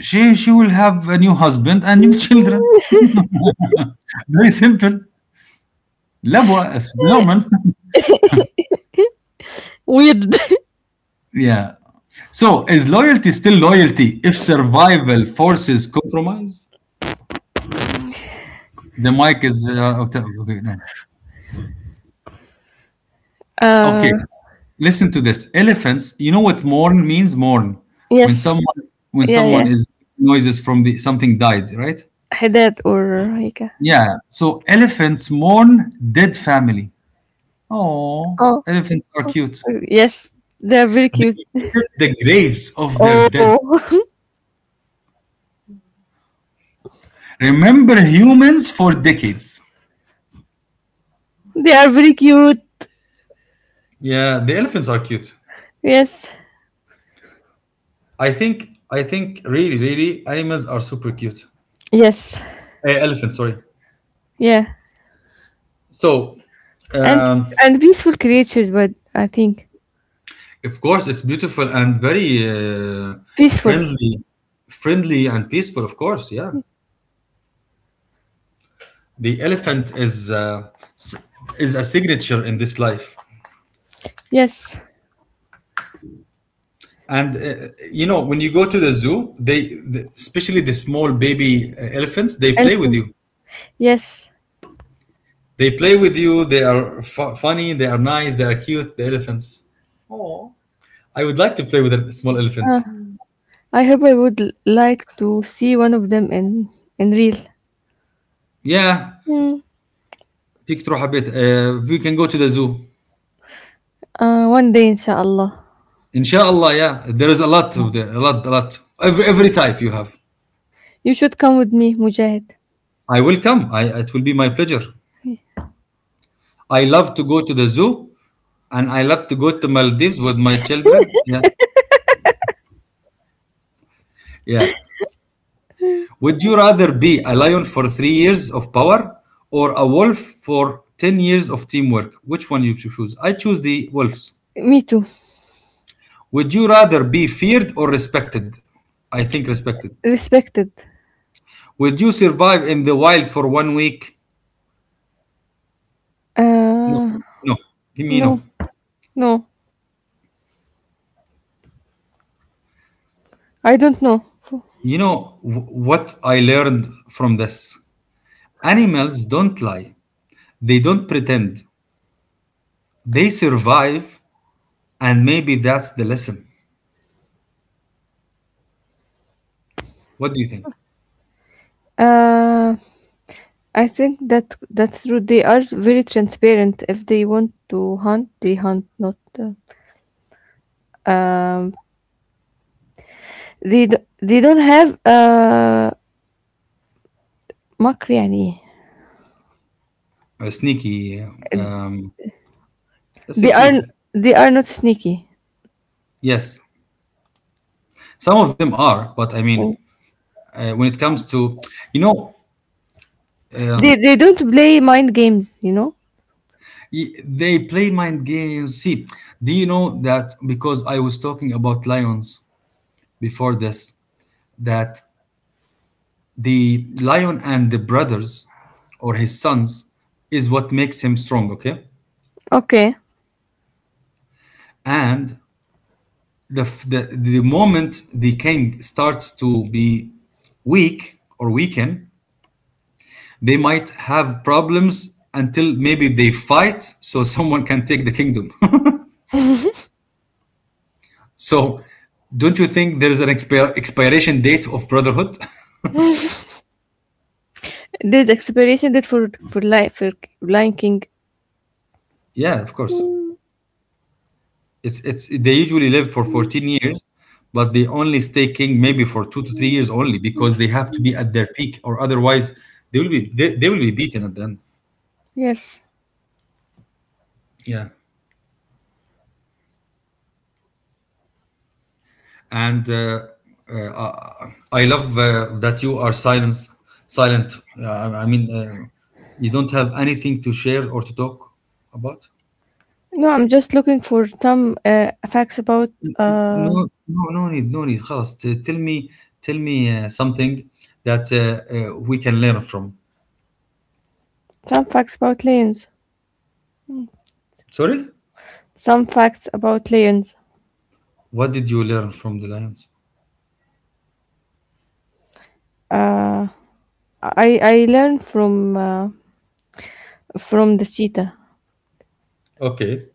A: She will have a new husband and new children. Very simple. Labwa is normal.
B: Weird.
A: yeah. So is loyalty still loyalty if survival forces compromise? The mic is okay. No.
B: Uh,
A: Okay. Listen to this. Elephants, you know what mourn means? Mourn. When
B: yes.
A: someone when
B: Yeah,
A: someone
B: yeah.
A: is noises from the something died, right?
B: Haddad or Hika.
A: Yeah. So elephants mourn dead family. Oh,
B: Oh,
A: elephants are cute.
B: yes. They are very
A: They
B: cute.
A: visit the graves of their dead.
B: Oh,
A: Remember humans for decades.
B: they are very cute.
A: Yeah, the elephants are cute.
B: Yes.
A: I think really, really animals are super cute.
B: Yes.
A: Eh, elephants, sorry.
B: Yeah.
A: So
B: And
A: um
B: and peaceful creatures, but I think
A: Of course, it's beautiful and very
B: peaceful.
A: friendly, friendly and peaceful. Of course, yeah. The elephant is s- is a signature in this life,
B: Yes.
A: and you know when you go to the zoo, especially the small baby elephants, they play with
B: Elephant.
A: you.
B: Yes.
A: They play with you. They are funny. They are nice. They are cute. The elephants. I would like to play with a small
B: Uh,
A: elephant.
B: I hope I would like to see one of them in real.
A: Yeah,
B: Mm.
A: فيك تروح على البيت. We can go to the zoo.
B: One day, inshallah.
A: Inshallah, yeah. There is a lot, a lot. Every type you have.
B: You should come with me, Mujahid.
A: I will come. I it will be my pleasure. I love to go to the zoo and I love to go to Maldives with my children. Yeah. Yeah.
B: Mm.
A: Would you rather be a lion for 3 years of power or a wolf for 10 years of teamwork? Which one you choose? I choose the wolves.
B: Me too.
A: Would you rather be feared or respected? I think respected.
B: Respected.
A: Would you survive in the wild for one week? No.
B: Uh,
A: No. Give me no.
B: no. No, I don't know.
A: You know what I learned from this? Animals don't lie, they don't pretend, they survive, and maybe that's the lesson. What do you think?
B: Uh, I think that that's true. They are very transparent. If they want to hunt, they hunt. Not um, they don't have مكر يعني.
A: Sneaky. Um, let's say
B: They are
A: sneaky.
B: they are not sneaky.
A: Yes, some of them are, but I mean, when it comes to, you know, uh,
B: They don't play mind games. You know.
A: they play mind games. See, do you know that because I was talking about lions before this, that the lion and the brothers or his sons is what makes him strong, okay,
B: Okay.
A: and the moment the king starts to be weak or weaken, they might have problems until maybe they fight, so someone can take the kingdom. So don't you think there's an expiration date of brotherhood?
B: There's expiration date for life for Lion King.
A: Yeah, of course.
B: Mm,
A: It's they usually live for 14 years, but they only stay king maybe for 2 to 3 years only because they have to be at their peak, or otherwise they will be beaten at the end.
B: yes.
A: Yeah, and uh, I love that you are silence. Silent. I mean, you don't have anything to share or to talk about.
B: No, I'm just looking for some facts about uh
A: No, no, no need, no need. خلاص, tell me something that we can learn from.
B: some facts about lions.
A: Sorry.
B: Some facts about lions.
A: What did you learn from the Lions?
B: Uh, I learned from the cheetah
A: Okay.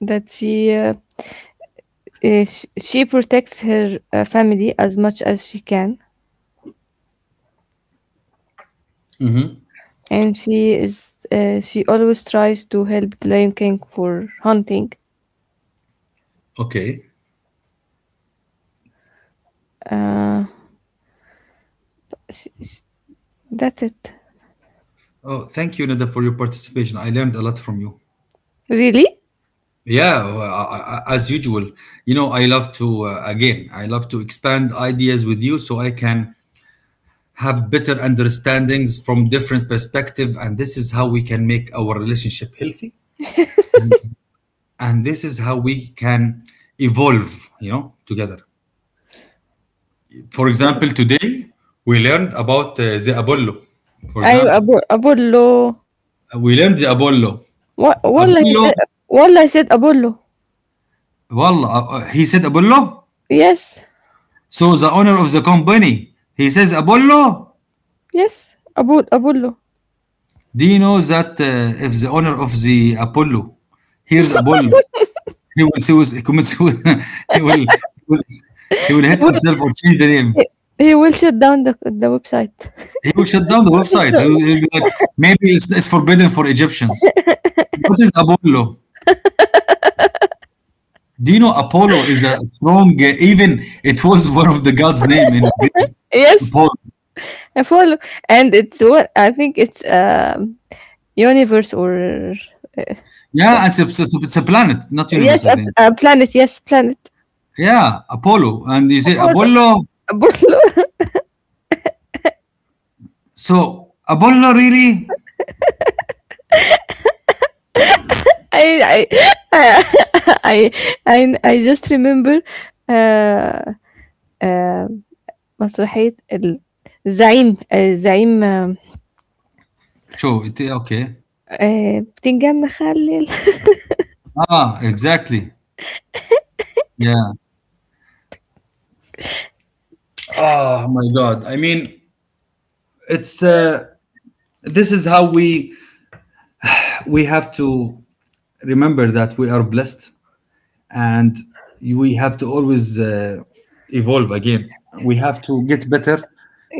B: that she protects her family as much as she can,
A: Mm-hmm.
B: and she always tries to help the lion king for hunting.
A: Okay.
B: Uh, sh- sh- that's it.
A: Oh, thank you, Nada, for your participation. I learned a lot from you.
B: Really?
A: Yeah, as usual. You know, I love to, again, I love to expand ideas with you so I can have better understandings from different perspective. And this is how we can make our relationship healthy. And this is how we can evolve, you know, together. For example, today we learned about the Apollo. For
B: I
A: example,
B: Abu abullo.
A: we learned the Apollo.
B: What? Wallah, he
A: Apollo,
B: said. Wallah, he said abullo.
A: he said Apollo.
B: Yes,
A: So the owner of the company, he says Apollo.
B: yes. Abu abullo.
A: Do you know that if the owner of the Apollo hears Apollo, he will commit suicide. He will hit himself or change the name.
B: He he will shut down the website.
A: He will shut down the website. He'll be like, it's forbidden for Egyptians. What is Apollo? Do you know Apollo is a strong, even it was one of the gods' name in Greece.
B: Yes,
A: Apollo.
B: I follow, and it's what I think it's universe or
A: Yeah,
B: the
A: it's a planet, not universe,
B: yes,
A: I think.
B: a planet. Yes, planet.
A: Yeah, Apollo. And you say
B: Apollo.
A: Apollo.
B: Apollo.
A: So Apollo really?
B: I I I I I just remember uh, uh, مسرحية ال- الزعيم الزعيم آم،
A: So it okay.
B: آه، بتنجان مخلل.
A: Ah, exactly. Yeah. Oh my God. I mean, it's This is how we have to remember that we are blessed, and we have to always evolve again. We have to get better.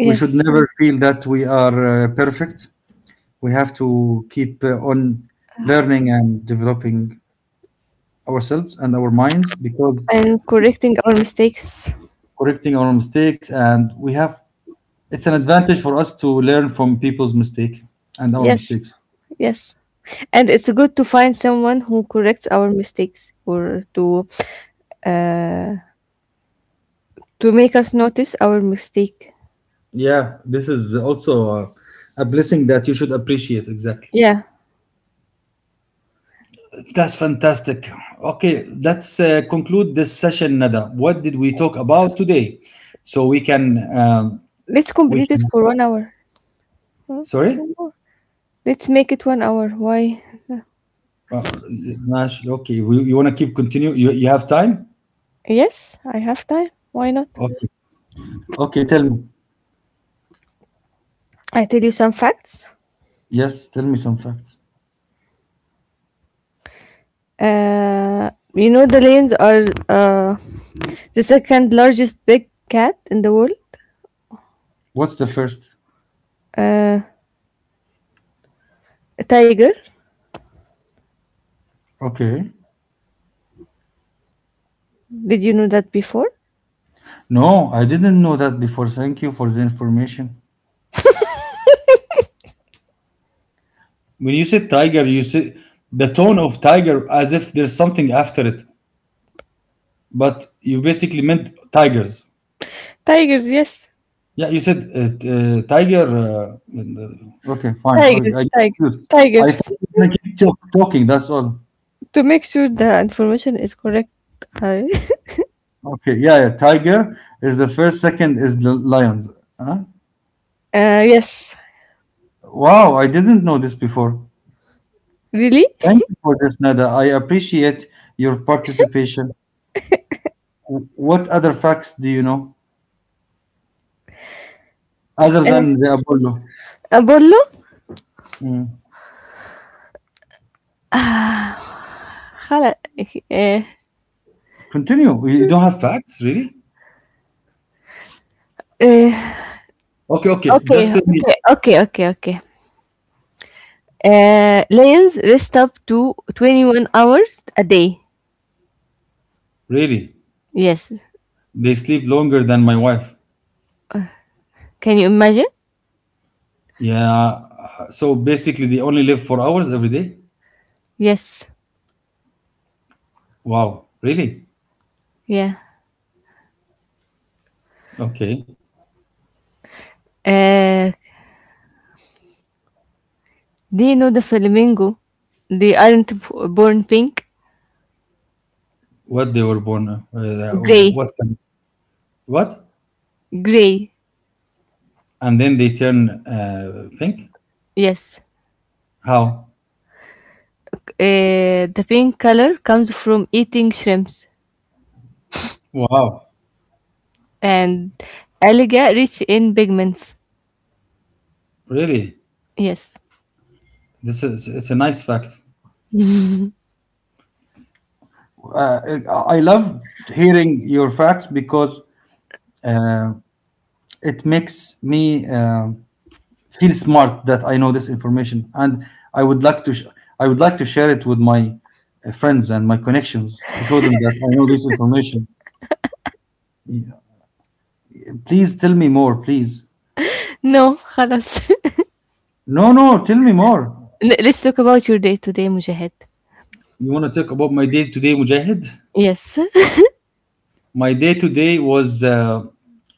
A: We should
B: Yes,
A: never feel that we are perfect. We have to keep on learning and developing ourselves and our minds because
B: and correcting our mistakes.
A: correcting our mistakes, and we have it's an advantage for us to learn from people's mistake and our
B: Yes,
A: mistakes.
B: yes. And it's good to find someone who corrects our mistakes or uh, to make us notice our mistake.
A: Yeah, this is also a blessing that you should appreciate, exactly.
B: Yeah,
A: That's fantastic. Okay, let's conclude this session. Nada, what did we talk about today so we can um,
B: let's
A: we
B: complete it
A: can
B: for one hour. Mm,
A: sorry.
B: one hour. Let's make it one hour. Why?
A: Uh, Nash, okay, you want to keep continue, you have time?
B: Yes, I have time. Why not?
A: Okay. Okay, tell me.
B: I tell you some facts.
A: Yes, tell me some facts.
B: Uh, you know the lions are the second largest big cat in the world.
A: What's the first?
B: Uh, a tiger.
A: Okay.
B: Did you know that before?
A: No, I didn't know that before. Thank you for the information. When you say tiger, you say the tone of tiger as if there's something after it, but you basically meant tigers.
B: Tigers, yes.
A: Yeah, you said tiger. Okay, fine. Okay,
B: Tigers,
A: I get confused. I thought
B: tigers.
A: you were gonna keep talking. That's all.
B: To make sure the information is correct. I-
A: Okay. Yeah, yeah. Tiger is the first. Second is the lions. Huh?
B: Yes,
A: Wow, I didn't know this before.
B: really?
A: Thank you for this, Nada. I appreciate your participation. What other facts do you know other
B: Eh, Uh,
A: than the Apollo?
B: أقول له
A: Mm.
B: خلا uh,
A: Continue. You don't have facts, really?
B: uh,
A: Okay, okay. Just
B: Okay,
A: tell me,
B: okay, okay, okay, okay. Lions rest up to 21 hours a day.
A: really,
B: Yes.
A: they sleep longer than my wife.
B: Can you imagine?
A: Yeah. So basically, they only live 4 hours every day.
B: Yes.
A: Wow, really?
B: Yeah.
A: Okay.
B: Uh, do you know the flamingo? They aren't born pink.
A: What they were born?
B: Gray.
A: What? What?
B: Gray.
A: And then they turn pink.
B: Yes.
A: How?
B: The pink color comes from eating shrimps,
A: Wow,
B: and alga rich in pigments.
A: really?
B: Yes.
A: This is it's a nice fact. uh, I love hearing your facts because uh, it makes me feel smart that I know this information, and I would like to sh- I would like to share it with my friends and my connections to show them that I know this information. Yeah. Please tell me more, please.
B: No, خلاص.
A: No, no, tell me more.
B: Let's talk about your day today, Mujahid.
A: You want to talk about my day today, Mujahid?
B: Yes.
A: My day today was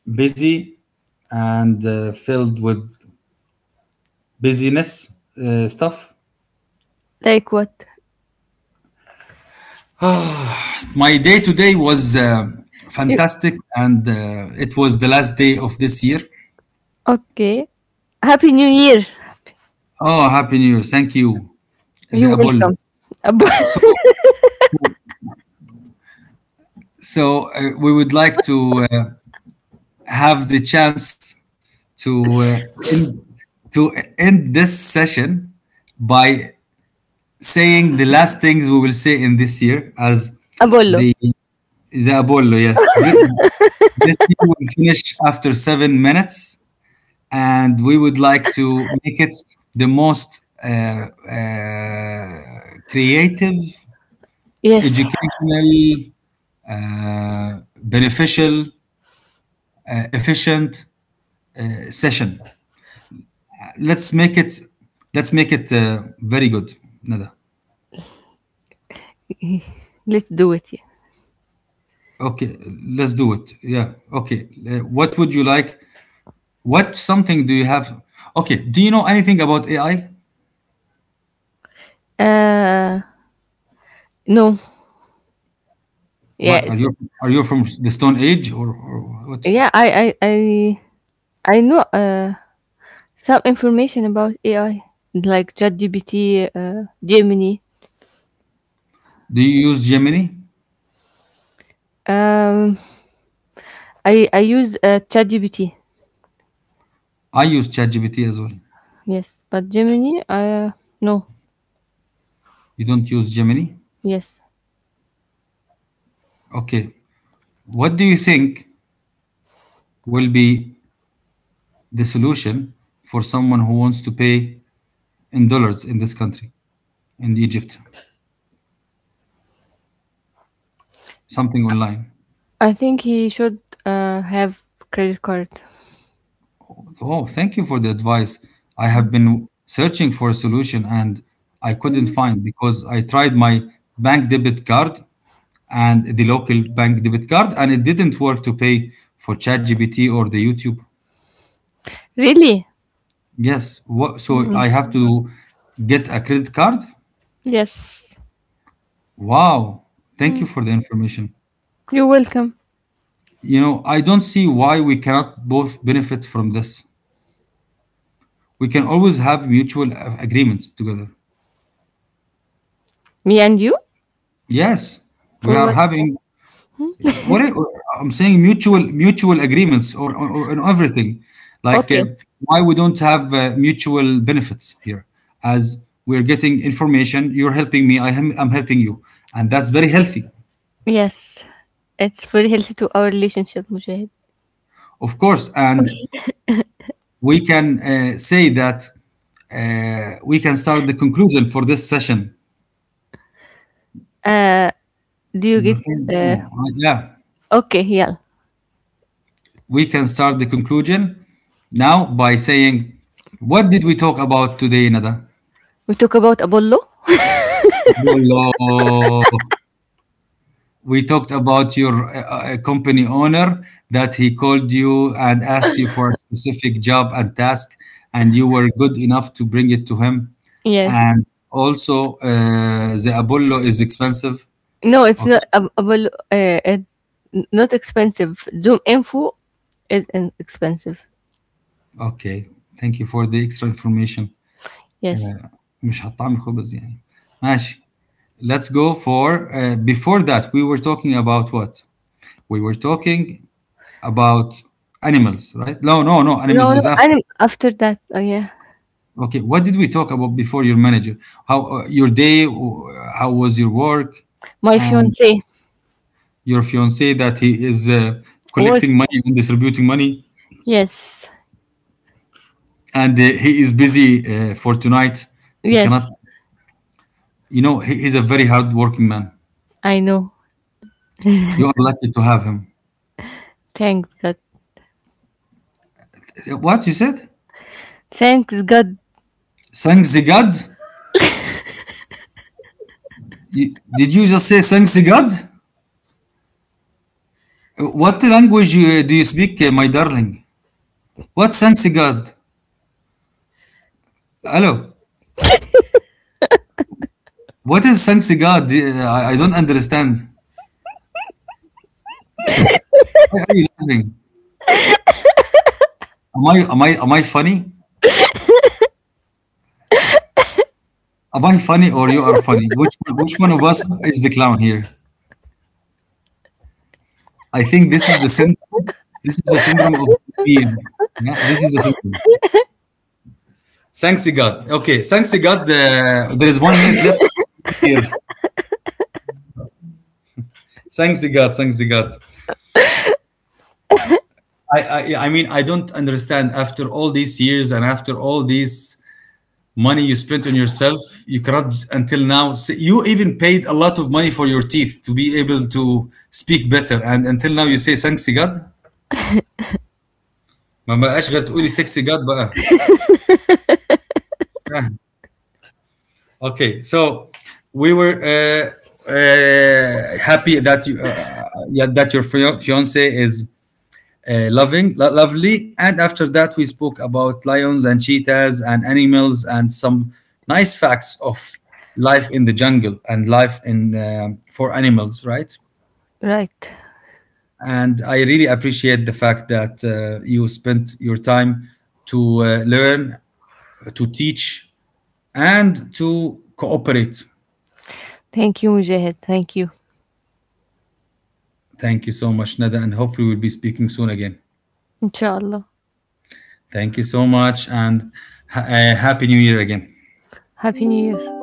A: busy and filled with busyness stuff.
B: Like what?
A: My day today was
B: You,
A: fantastic, and it was the last day of this year.
B: okay. Happy New Year.
A: Oh, happy New Year! Thank you, the
B: You're
A: Apollo.
B: welcome. Ab-
A: So, so, we would like to have the chance to end to end this session by saying the last things we will say in this year as
B: Apollo.
A: the the Apollo. Yes, this year will finish after 7 minutes. And we would like to make it the most creative,
B: Yes.
A: educational, beneficial, efficient session. Let's make it. Let's make it very good, Nada.
B: Let's do it.
A: Okay, let's do it. Yeah. Okay. What would you like? What something do you have? Okay. Do you know anything about AI?
B: Yeah. No. Yeah.
A: What are you? Are you from the Stone Age, or what?
B: Yeah, I know some information about AI, like ChatGPT, Gemini.
A: Do you use Gemini?
B: Um, I use ChatGPT.
A: I use ChatGPT as well.
B: Yes, but Gemini, no.
A: You don't use Gemini?
B: Yes,
A: Okay. What do you think will be the solution for someone who wants to pay in dollars in this country, in Egypt? Something online.
B: I think he should have credit card.
A: Oh, thank you for the advice. I have been searching for a solution and I couldn't
B: Mm.
A: find because I tried my bank debit card and the local bank debit card, and it didn't work to pay for ChatGPT or the YouTube.
B: Really?
A: Yes. What, so
B: Mm.
A: I have to get a credit card?
B: Yes.
A: Wow. Thank
B: Mm.
A: you for the information.
B: You're welcome.
A: You know, I don't see why we cannot both benefit from this. We can always have mutual agreements together.
B: Me and you?
A: Yes, we
B: For
A: are
B: what?
A: having what I, I'm saying mutual agreements, on everything. Like
B: Okay.
A: why we don't have mutual benefits here, as we're getting information. You're helping me. I'm helping you, and that's very healthy,
B: Yes, it's very healthy to our relationship, Mujahid.
A: of course. And we can say that we can start the conclusion for this session.
B: Uh, do you get? Uh,
A: Yeah,
B: okay, yeah.
A: we can start the conclusion now by saying, what did we talk about today, Nada?
B: We talk about Apollo.
A: Wallah, we talked about your company owner that he called you and asked you for a specific job and task, and you were good enough to bring it to him.
B: Yeah.
A: And also, the Apollo is expensive.
B: No, it's
A: Okay.
B: not Apollo. Not expensive. Zoom info is expensive.
A: Okay. Thank you for the extra information.
B: Yes.
A: مش هتطعم خبز يعني. ماشي. Let's go for before that we were talking about what? We were talking about animals, right? No, no, no. Animals
B: No, no,
A: is after.
B: and after that, yeah,
A: Okay. What did we talk about before your manager? How your day? How was your work?
B: my
A: And
B: fiance
A: your fiance, that he is
B: work.
A: collecting money and distributing money,
B: Yes,
A: and he is busy for tonight. He cannot.
B: yes,
A: You know, he is a very hard working man.
B: I know.
A: You are lucky to have him.
B: Thanks God.
A: What you said?
B: Thanks God.
A: Thanks the God? You- did you just say thanks the God? What language you, do you speak, my darling? What thanks the God? Hello. What is thanks the God? I don't understand. Why are you laughing? Am I funny? Am I funny, or you are funny? Which one of us is the clown here? I think this is the syn- this is the syndrome of being. Yeah, this is the syndrome. Thanks to God. Okay, thanks to God. There is 1 minute left here. Thanks to God. Thanks to God. I, I mean, I don't understand. After all these years and after all this money you spent on yourself, you cannot until now you even paid a lot of money for your teeth to be able to speak better, and until now you say thanks to God. ما بقاش غير تقولي sexy God بقى. فاهم. Okay, so we were happy that you yeah, that your fiance is lovely, and after that we spoke about lions and cheetahs and animals and some nice facts of life in the jungle and life in for animals, right?
B: Right.
A: And I really appreciate the fact that you spent your time to learn to teach and to cooperate.
B: Thank you, Mujahid. Thank you.
A: Thank you so much, Nada, and hopefully we'll be speaking soon again.
B: Inshallah.
A: Thank you so much, and happy new year again.
B: Happy New Year.